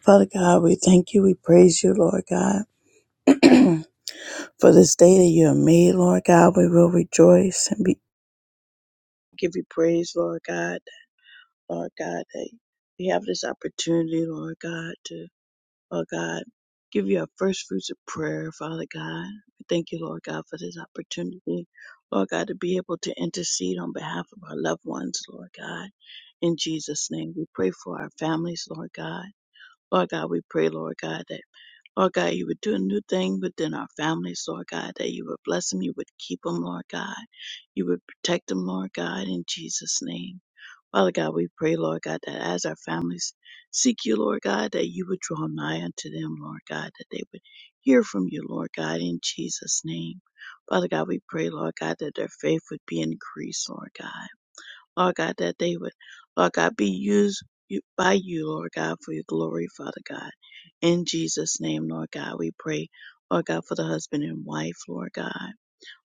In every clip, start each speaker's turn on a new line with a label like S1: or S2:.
S1: Father God, we thank you. We praise you, Lord God, for this day that you have made, Lord God. We will rejoice and be, give you praise, Lord God. Lord God, that we have this opportunity, Lord God, to, Lord God, give you our first fruits of prayer, Father God. We thank you, Lord God, for this opportunity, Lord God, to be able to intercede on behalf of our loved ones, Lord God. In Jesus' name, we pray for our families, Lord God. Lord God, we pray, Lord God, that Lord God, you would do a new thing within our families, Lord God, that you would bless them, you would keep them, Lord God. You would protect them, Lord God, in Jesus' name. Father God, we pray, Lord God, that as our families seek you, Lord God, that you would draw nigh unto them, Lord God, that they would hear from you, Lord God, in Jesus' name. Father God, we pray, Lord God, that their faith would be increased, Lord God. Lord God, that they would, Lord God, be used you- by you, Lord God, for your glory, Father God. In Jesus' name, Lord God, we pray, Lord God, for the husband and wife, Lord God.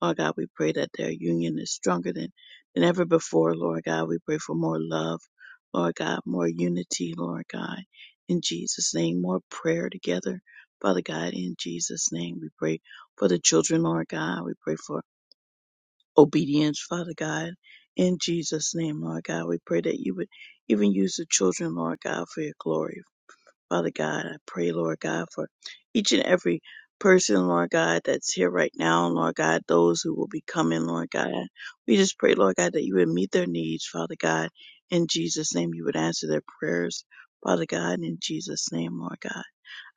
S1: Lord God, we pray that their union is stronger than, than ever before, Lord God. We pray for more love, Lord God, more unity, Lord God. In Jesus' name, more prayer together, Father God. In Jesus' name, we pray for the children, Lord God. We pray for obedience, Father God. In Jesus' name, Lord God, we pray that you would even use the children, Lord God, for your glory. Father God, I pray, Lord God, for each and every person, Lord God, that's here right now, Lord God, those who will be coming, Lord God. We just pray, Lord God, that you would meet their needs, Father God. In Jesus' name, you would answer their prayers, Father God, in Jesus' name, Lord God.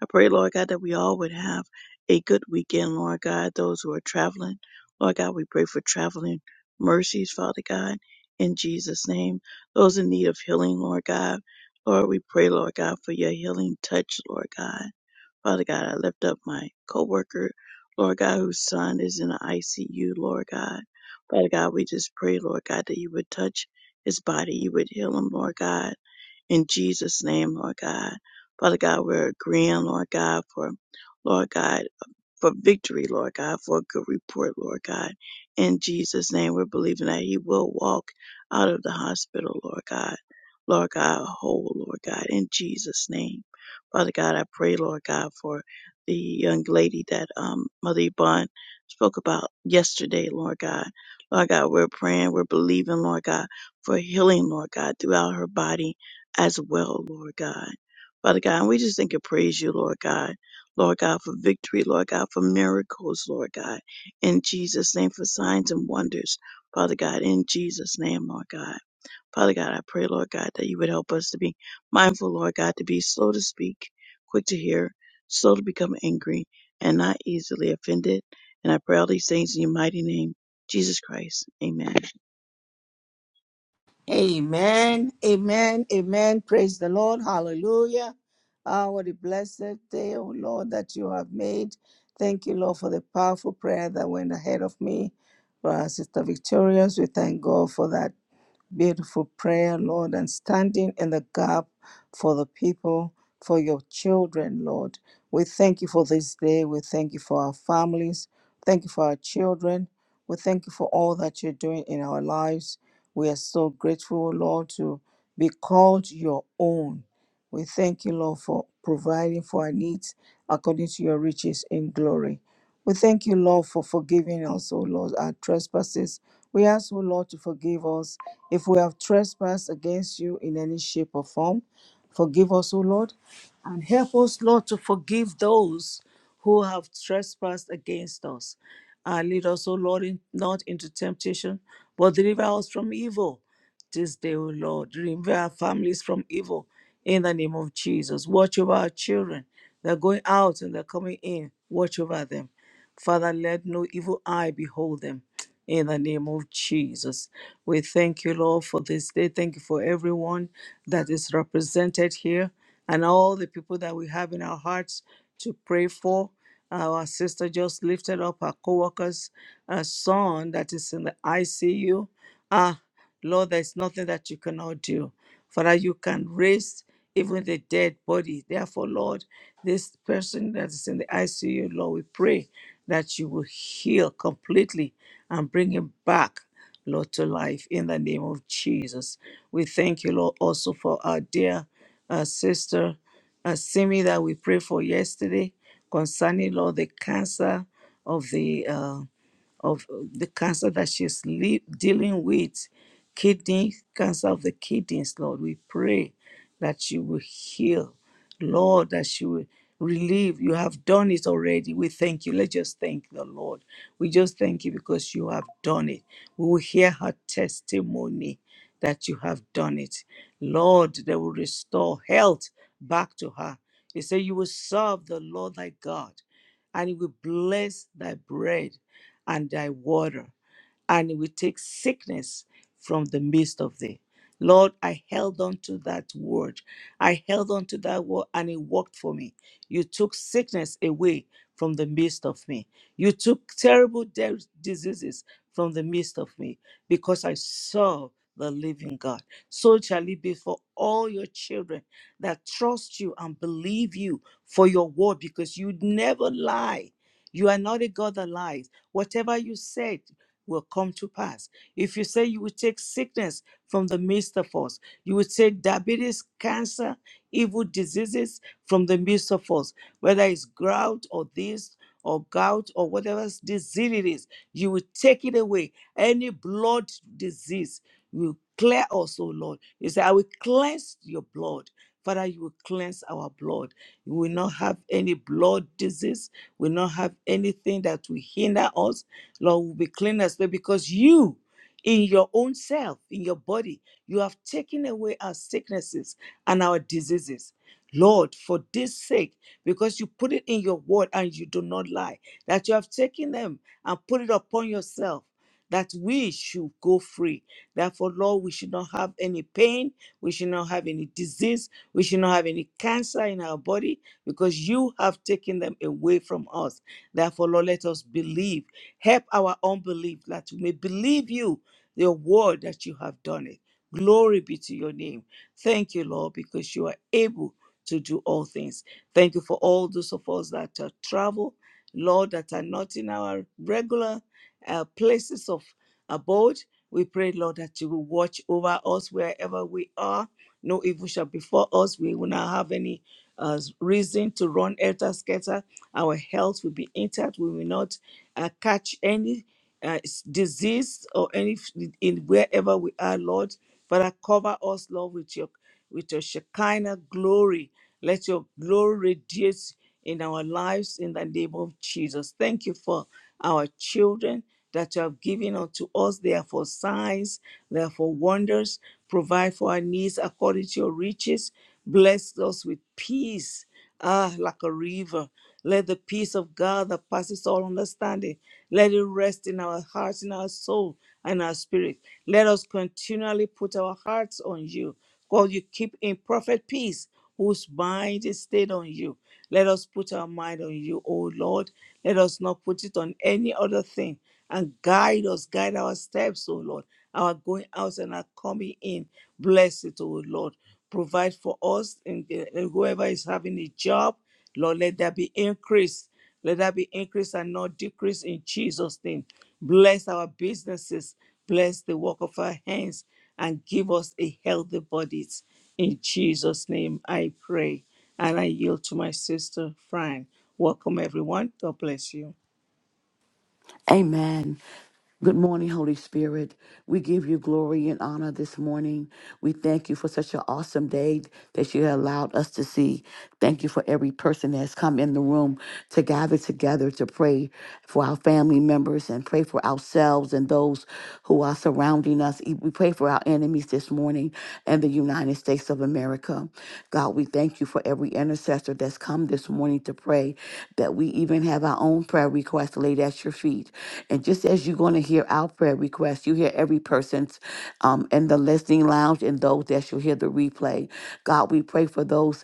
S1: I pray, Lord God, that we all would have a good weekend, Lord God. Those who are traveling, Lord God, we pray for traveling mercies, Father God, in Jesus' name. Those in need of healing, Lord God, Lord, we pray, Lord God, for your healing touch, Lord God. Father God, I lift up my coworker, Lord God, whose son is in the ICU, Lord God. Father God, we just pray, Lord God, that you would touch his body, you would heal him, Lord God. In Jesus' name, Lord God. Father God, we're agreeing, Lord God, for Lord God for victory, Lord God, for a good report, Lord God. In Jesus' name, we're believing that he will walk out of the hospital, Lord God. Lord God, whole, Lord God, in Jesus' name. Father God, I pray, Lord God, for the young lady that um, Mother Yvonne spoke about yesterday, Lord God. Lord God, we're praying, we're believing, Lord God, for healing, Lord God, throughout her body as well, Lord God. Father God, and we just think and praise you, Lord God Lord God, for victory, Lord God, for miracles, Lord God, in Jesus' name, for signs and wonders, Father God, in Jesus' name, Lord God. Father God, I pray, Lord God, that you would help us to be mindful, Lord God, to be slow to speak, quick to hear, slow to become angry, and not easily offended. And I pray all these things in your mighty name, Jesus Christ. Amen.
S2: Amen. Amen. Amen. Praise the Lord. Hallelujah. Ah, what a blessed day, oh Lord, that you have made. Thank you, Lord, for the powerful prayer that went ahead of me. For our sister Victorious, we thank God for that beautiful prayer, Lord, and standing in the gap for the people, for your children, Lord. We thank you for this day. We thank you for our families. Thank you for our children. We thank you for all that you're doing in our lives. We are so grateful, Lord, to be called your own. We thank you, Lord, for providing for our needs according to your riches in glory. We thank you, Lord, for forgiving us, O Lord, our trespasses. We ask, O Lord, to forgive us if we have trespassed against you in any shape or form. Forgive us, O Lord, and help us, Lord, to forgive those who have trespassed against us. Uh, lead us, O Lord, in, not into temptation, but deliver us from evil this day, O Lord. Deliver our families from evil in the name of Jesus. Watch over our children. They're going out and they're coming in. Watch over them. Father, let no evil eye behold them in the name of Jesus. We thank you, Lord, for this day. Thank you for everyone that is represented here and all the people that we have in our hearts to pray for. Our sister just lifted up her co worker's uh, son that is in the ICU. Ah, Lord, there's nothing that you cannot do for that you can raise even the dead body. Therefore, Lord, this person that is in the ICU, Lord, we pray that you will heal completely and bring him back. Lord, to life in the name of Jesus. We thank you, Lord, also for our dear uh, sister uh, Simi that we prayed for yesterday concerning, Lord, the cancer of the uh, of the cancer that she's li- dealing with, kidney cancer of the kidneys, Lord. We pray that she will heal, Lord, that she will relieve. You have done it already. We thank you. Let's just thank the Lord. We just thank you because you have done it. We will hear her testimony that you have done it. Lord, that will restore health back to her. You say you will serve the Lord thy God and he will bless thy bread and thy water and it will take sickness from the midst of thee. Lord, I held on to that word. I held on to that word and it worked for me. You took sickness away from the midst of me. You took terrible de- diseases from the midst of me because I saw the living God. So shall it be for all your children that trust you and believe you for your word because you never lie. You are not a God that lies. Whatever you said will come to pass. If you say you will take sickness from the midst of us, you will take diabetes, cancer, evil diseases from the midst of us, whether it's gout or this or gout or whatever disease it is, you will take it away. Any blood disease, you will clear us, O Lord. You say, I will cleanse your blood. Father, you will cleanse our blood. We will not have any blood disease. We will not have anything that will hinder us Lord, will be clean as well because you, in your own self, in your body, you have taken away our sicknesses and our diseases. Lord, for this sake, because you put it in your word and you do not lie, that you have taken them and put it upon yourself, that we should go free. Therefore, Lord, we should not have any pain, we should not have any disease, we should not have any cancer in our body, because you have taken them away from us. Therefore, Lord, let us believe Help our unbelief that we may believe you, your word that you have done it. Glory be to your name. Thank you, Lord, because you are able to do all things. Thank you for all those of us that uh, travel, Lord, that are not in our regular uh, places of abode. We pray, Lord, that you will watch over us wherever we are. No evil shall befall us. We will not have any uh, reason to run elter scatter. Our health will be intact. We will not uh, catch any uh, s- disease or any f- in wherever we are, Lord. Father, cover us, Lord, with your with your Shekinah glory. Let your glory radiate in our lives in the name of Jesus. Thank you for our children that you have given unto us. They are for signs, they are for wonders. Provide for our needs according to your riches. Bless us with peace Ah, like a river. Let the peace of God that passes all understanding, let it rest in our hearts, in our soul, and our spirit. Let us continually put our hearts on you. God, you keep in perfect peace whose mind is stayed on you. Let us put our mind on you, O Lord. Let us not put it on any other thing. And guide us, guide our steps, O Lord, our going out and our coming in. Bless it, O Lord. Provide for us and and whoever is having a job. Lord, let there be increase. Let there be increase and not decrease in Jesus' name. Bless our businesses. Bless the work of our hands and give us a healthy bodies. In Jesus' name I pray. And I yield to my sister, Fran. Welcome, everyone. God bless you.
S3: Amen. Good morning, Holy Spirit. We give you glory and honor this morning. We thank you for such an awesome day that you allowed us to see. Thank you for every person that has come in the room to gather together to pray for our family members and pray for ourselves and those who are surrounding us. E, We pray for our enemies this morning and the United States of America. God, we thank you for every intercessor that's come this morning wanting to pray that we even have our own prayer requests laid at your feet. And just as you're going to hear our prayer requests, you hear every person's um, in the listening lounge and those that shall hear the replay. God, we pray for those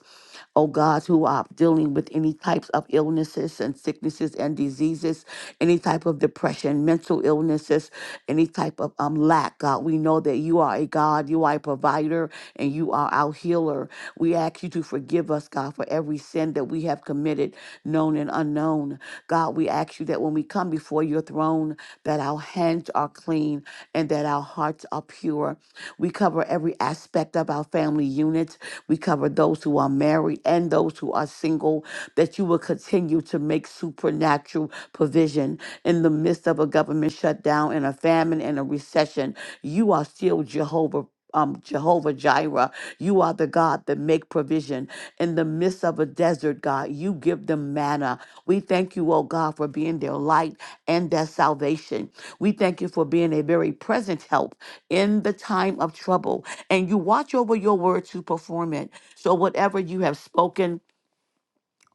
S3: oh God, who are dealing with any types of illnesses and sicknesses and diseases, any type of depression, mental illnesses, any type of um, lack, God. We know that you are a God, you are a provider provider and you are our healer. We ask you to forgive us, God, for every sin that we have committed, known and unknown. God, we ask you that when we come before your throne, that our hands are clean and that our hearts are pure. We cover every aspect of our family units. We cover those who are married and those who are single, that you will continue to make supernatural provision in the midst of a government shutdown and a famine and a recession. You are still Jehovah um, Jehovah Jireh. You are the God that make provision in the midst of a desert, God. You give them manna. We thank you, oh God, for being their light and their salvation. We thank you for being a very present help in the time of trouble. And you watch over your word to perform it. So whatever you have spoken,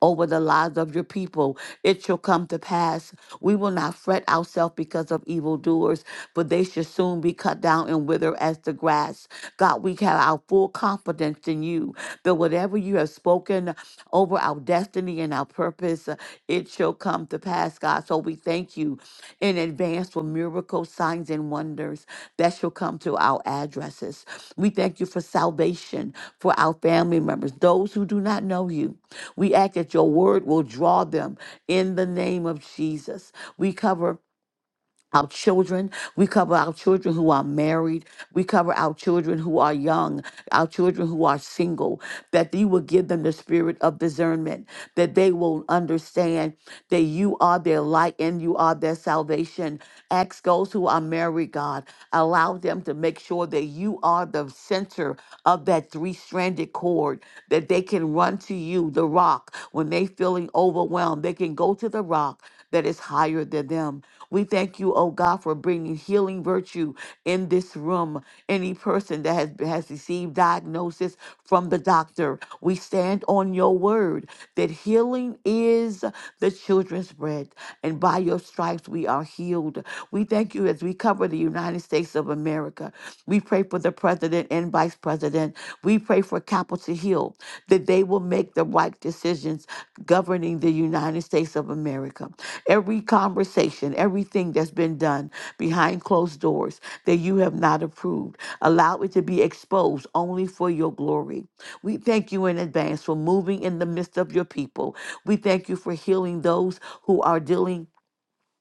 S3: over the lives of your people. It shall come to pass. We will not fret ourselves because of evildoers, but they shall soon be cut down and wither as the grass. God, we have our full confidence in you that whatever you have spoken over our destiny and our purpose, uh, it shall come come to pass, God. So we thank you in advance for miracles, signs, and wonders that shall come to our addresses. We thank you for salvation for our family members, those who do not know you. We ask that your word will draw them in the name of Jesus. We cover our children. We cover our children who are married. We cover our children who are young, our children who are single, that you will give them the spirit of discernment, that they will understand that you are their light and you are their salvation. Ask those who are married, God, allow them to make sure that you are the center of that three stranded cord, that they can run to you, the rock, when they feeling overwhelmed. They can go to the rock that is higher than them. We thank you, oh God, for bringing healing virtue in this room. Any person that has, has received diagnosis from the doctor, we stand on your word that healing is the children's bread, and by your stripes we are healed. We thank you as we cover the United States of America. We pray for the president and vice president. We pray for Capitol Hill that they will make the right decisions governing the United States of America. Every conversation, everything that's been done behind closed doors that you have not approved, allow it to be exposed only for your glory. We thank you in advance for moving in the midst of your people. We thank you for healing those who are dealing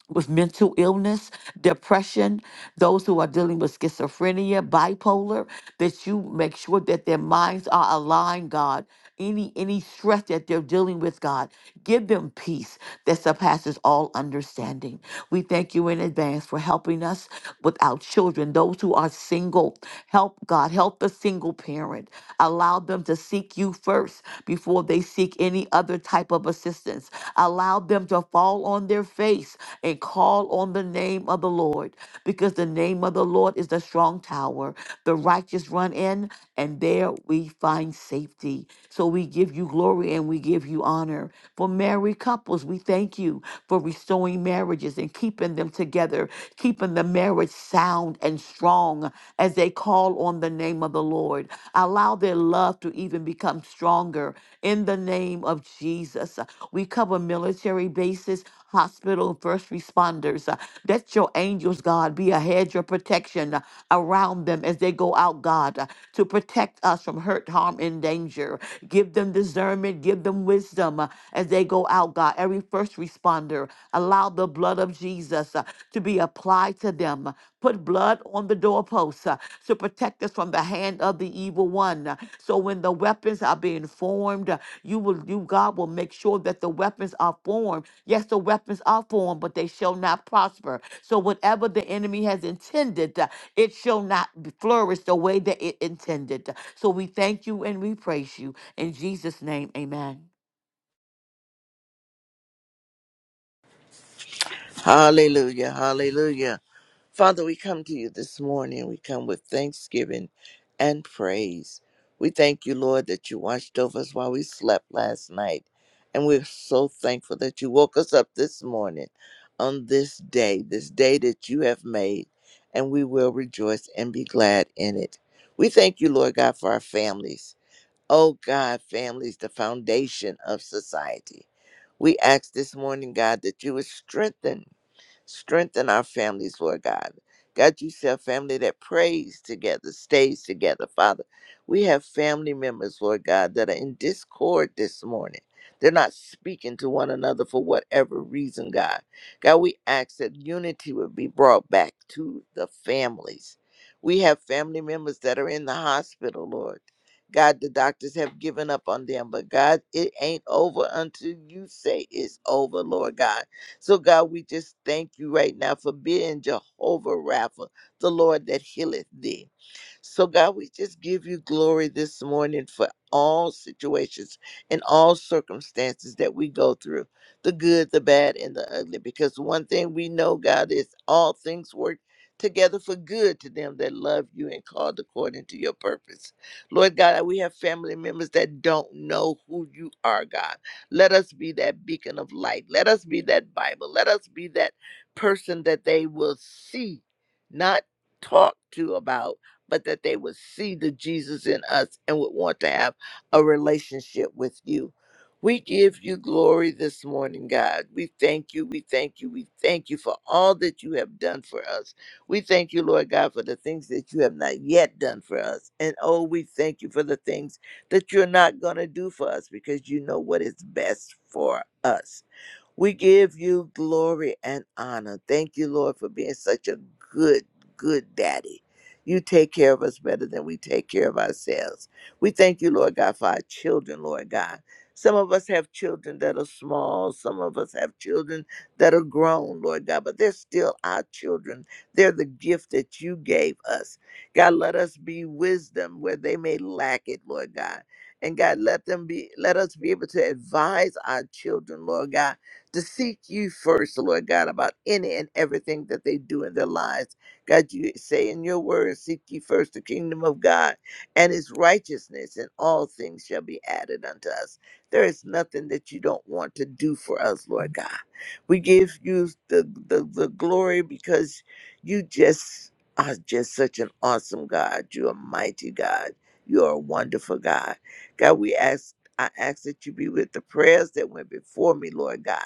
S3: with mental illness, depression, those who are dealing with schizophrenia, bipolar, that you make sure that their minds are aligned, God. Any any stress that they're dealing with, God, give them peace that surpasses all understanding. We thank you in advance for helping us with our children, those who are single. Help God, help the single parent. Allow them to seek you first first before they seek any other type of assistance. Allow them to fall on their face and call on the name of the Lord because the name of the Lord is the strong tower. The righteous run in and there we find safety. So we give you glory and we give you honor. For married couples, we thank you for restoring marriages and keeping them together, keeping the marriage sound and and strong as they call on the name of the Lord. Allow their love to even become stronger in the name of Jesus. We cover military bases, hospital, first responders. Uh, Let your angels, God, be a hedge of protection uh, around them as they go out, God, uh, to protect us from hurt, harm, and danger. Give them discernment, give them wisdom uh, as they go out, God. Every first responder, allow the blood of Jesus uh, to be applied to them. Put blood on the doorposts uh, to protect us from the hand of the evil one. uh, So when the weapons are being formed, uh, you will, you God will make sure that the weapons are formed. Yes, the weapons are formed, but they shall not prosper. So whatever the enemy has intended, uh, it shall not b- flourish the way that it intended. So we thank you and we praise you in Jesus' name. Amen.
S4: Hallelujah. Hallelujah. Father, we come to you this morning. We come with thanksgiving and praise. We thank you, Lord, that you watched over us while we slept last night. And we're so thankful that you woke us up this morning on this day, this day that you have made, and we will rejoice and be glad in it. We thank you, Lord God, for our families. Oh God, families, the foundation of society. We ask this morning, God, that you would strengthen Strengthen our families, Lord God. God, you said a family that prays together, stays together, Father. We have family members, Lord God, that are in discord this morning. They're not speaking to one another for whatever reason, God. God, we ask that unity would be brought back to the families. We have family members that are in the hospital, Lord. God, the doctors have given up on them, but God, it ain't over until you say it's over, Lord God. So, God, we just thank you right now for being Jehovah Rapha, the Lord that healeth thee. So, God, we just give you glory this morning for all situations and all circumstances that we go through the good, the bad, and the ugly. Because one thing we know, God, is all things work together for good to them that love you and called according to your purpose. Lord God, we have family members that don't know who you are, God. Let us be that beacon of light. Let us be that Bible. Let us be that person that they will see, not talk to about but that they would see the Jesus in us and would want to have a relationship with you. We give you glory this morning, God. We thank you. We thank you. We thank you for all that you have done for us. We thank you, Lord God, for the things that you have not yet done for us. And oh, we thank you for the things that you're not going to do for us because you know what is best for us. We give you glory and honor. Thank you, Lord, for being such a good, good daddy. You take care of us better than we take care of ourselves. We thank you, Lord God, for our children, Lord God. Some of us have children that are small. Some of us have children that are grown, Lord God, but they're still our children. They're the gift that you gave us. God, let us be wisdom where they may lack it, Lord God. And God, let them be, let us be able to advise our children, Lord God to seek you first, Lord God, about any and everything that they do in their lives. God, you say in your word, seek ye first the kingdom of God and his righteousness, and all things shall be added unto us. There is nothing that you don't want to do for us, Lord God. We give you the, the, the glory because you just are just such an awesome God. You are mighty God. You are a wonderful God. God, we ask I ask that you be with the prayers that went before me, Lord God.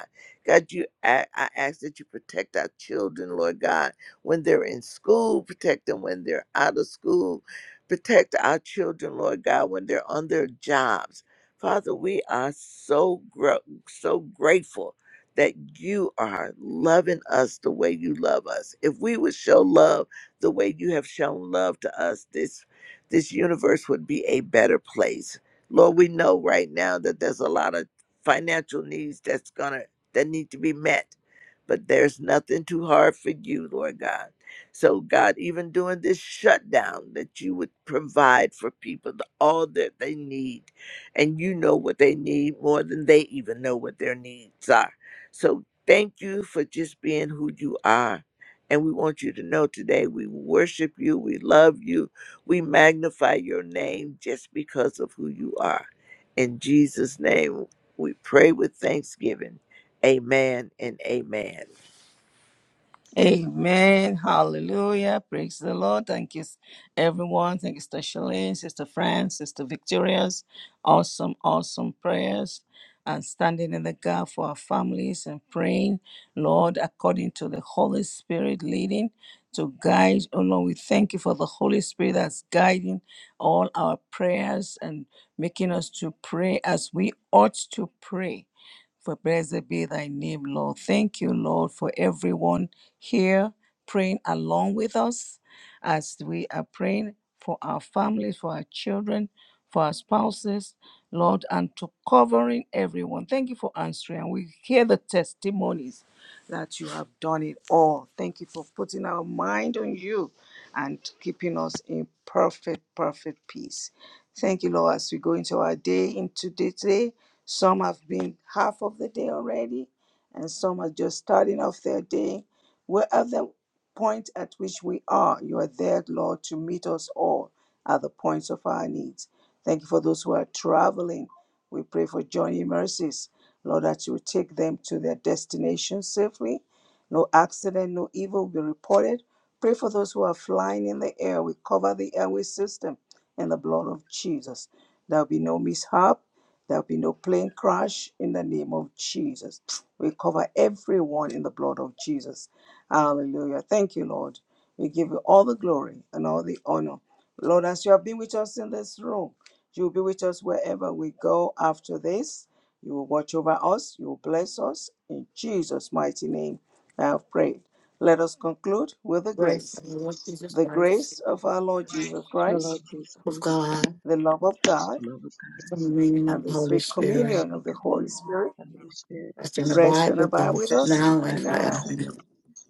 S4: God, you I, I ask that you protect our children, Lord God, when they're in school, protect them when they're out of school, protect our children, Lord God, when they're on their jobs. Father, we are so gro- so grateful that you are loving us the way you love us. If we would show love the way you have shown love to us, this this universe would be a better place. Lord, we know right now that there's a lot of financial needs that's going to that need to be met. But there's nothing too hard for you, Lord God. So, God, even during this shutdown, that you would provide for people the- all that they need. And you know what they need more than they even know what their needs are. So, thank you for just being who you are. And we want you to know today we worship you, we love you, we magnify your name just because of who you are. In Jesus' name, we pray with thanksgiving. Amen and amen.
S2: Amen. Hallelujah. Praise the Lord. Thank you, everyone. Thank you, Sister Shalene, Sister Fran, Sister Victorious. Awesome, awesome prayers and standing in the gap for our families and praying, Lord, according to the Holy Spirit leading to guide. Oh, Lord, we thank you for the Holy Spirit that's guiding all our prayers and making us to pray as we ought to pray For blessed be thy name, Lord. Thank you, Lord, for everyone here praying along with us as we are praying for our families, for our children, for our spouses, Lord, and to covering everyone. Thank you for answering. And we hear the testimonies that you have done it all. Thank you for putting our mind on you and keeping us in perfect, perfect peace. Thank you, Lord, as we go into our day, into today. Some have been half of the day already, and some are just starting off their day. We're at the point at which we are. You are there, Lord, to meet us all at the points of our needs. Thank you for those who are traveling. We pray for journey mercies, Lord, that you will take them to their destination safely. No accident, no evil will be reported. Pray for those who are flying in the air. We cover the airway system in the blood of Jesus. There'll be no mishap. There'll be no plane crash in the name of Jesus. We cover everyone in the blood of Jesus. Hallelujah. Thank you, Lord. We give you all the glory and all the honor. Lord, as you have been with us in this room, you'll be with us wherever we go after this. You will watch over us. You will bless us. In Jesus' mighty name, I have prayed. Let us conclude with the
S3: Grace
S2: grace.
S3: of the Lord Jesus
S2: The
S3: Christ,
S2: grace of our Lord Jesus
S1: The
S2: Christ,
S1: Lord Jesus
S3: of
S1: Christ,
S3: God,
S2: the love of God,
S1: the love of God,
S3: from the meaning
S2: and
S3: of the
S2: the
S3: Holy
S2: sweet
S1: and the
S3: Spirit.
S2: communion of
S1: sweet
S2: the Holy
S1: communion
S2: Spirit
S1: of the Holy Spirit
S3: Rest and
S2: rest
S3: abide
S2: and
S3: with
S2: abide with
S3: us
S1: rest and
S2: us
S3: now and
S1: abide with
S3: forever.
S2: now
S1: us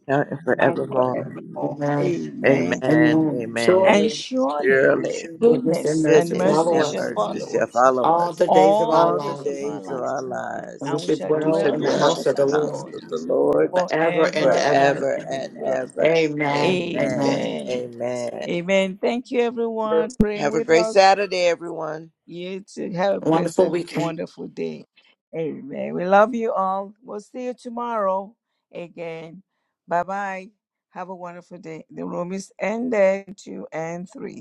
S4: Now and
S1: now and
S2: and
S4: forevermore.
S1: forevermore.
S2: forevermore.
S3: Amen.
S2: Amen.
S4: Amen.
S3: Amen.
S1: Amen.
S2: And
S4: Amen.
S3: Surely,
S2: surely
S1: And
S4: Surely
S1: surely
S3: goodness and
S2: goodness and
S3: mercy
S4: goodness
S2: mercy
S3: follow
S4: and
S1: goodness
S2: shall
S3: us
S1: and
S4: mercy
S2: follow us
S1: mercy
S4: shall
S1: shall follow
S4: follow
S3: all
S4: us
S3: the
S1: us
S3: days of
S2: all
S3: our
S2: the
S4: all the
S2: days of
S1: all
S3: lives,
S1: the
S2: our
S4: days of
S1: days
S2: life,
S4: our
S1: of our
S3: and
S1: lives.
S4: lives,
S3: we
S2: and we
S3: should
S2: shall
S4: and we
S3: dwell
S4: shall
S2: dwell
S3: in
S2: in
S3: the
S2: the
S1: We
S4: dwell
S1: shall
S3: house
S4: in
S2: house
S3: of the
S4: the
S2: of the
S1: dwell in
S3: Lord
S4: house
S2: Lord
S1: the
S4: of the
S1: house of the Lord
S4: Lord
S3: forever and
S2: forever
S1: forever
S2: and
S3: ever.
S4: forever
S1: and
S4: and
S2: ever.
S1: ever.
S4: ever.
S3: Amen.
S4: Amen.
S3: Amen.
S1: Amen.
S2: Amen.
S4: Amen.
S2: Amen. Thank you, everyone, praying
S4: Have a
S2: with
S4: great
S2: us.
S4: Saturday, everyone.
S2: You too. Have a blessed,
S3: Wonderful
S2: and
S3: weekend.
S2: wonderful day. Amen. We love you all. We'll see you tomorrow again. Bye bye. Have a wonderful day. The room is ended. Two and three.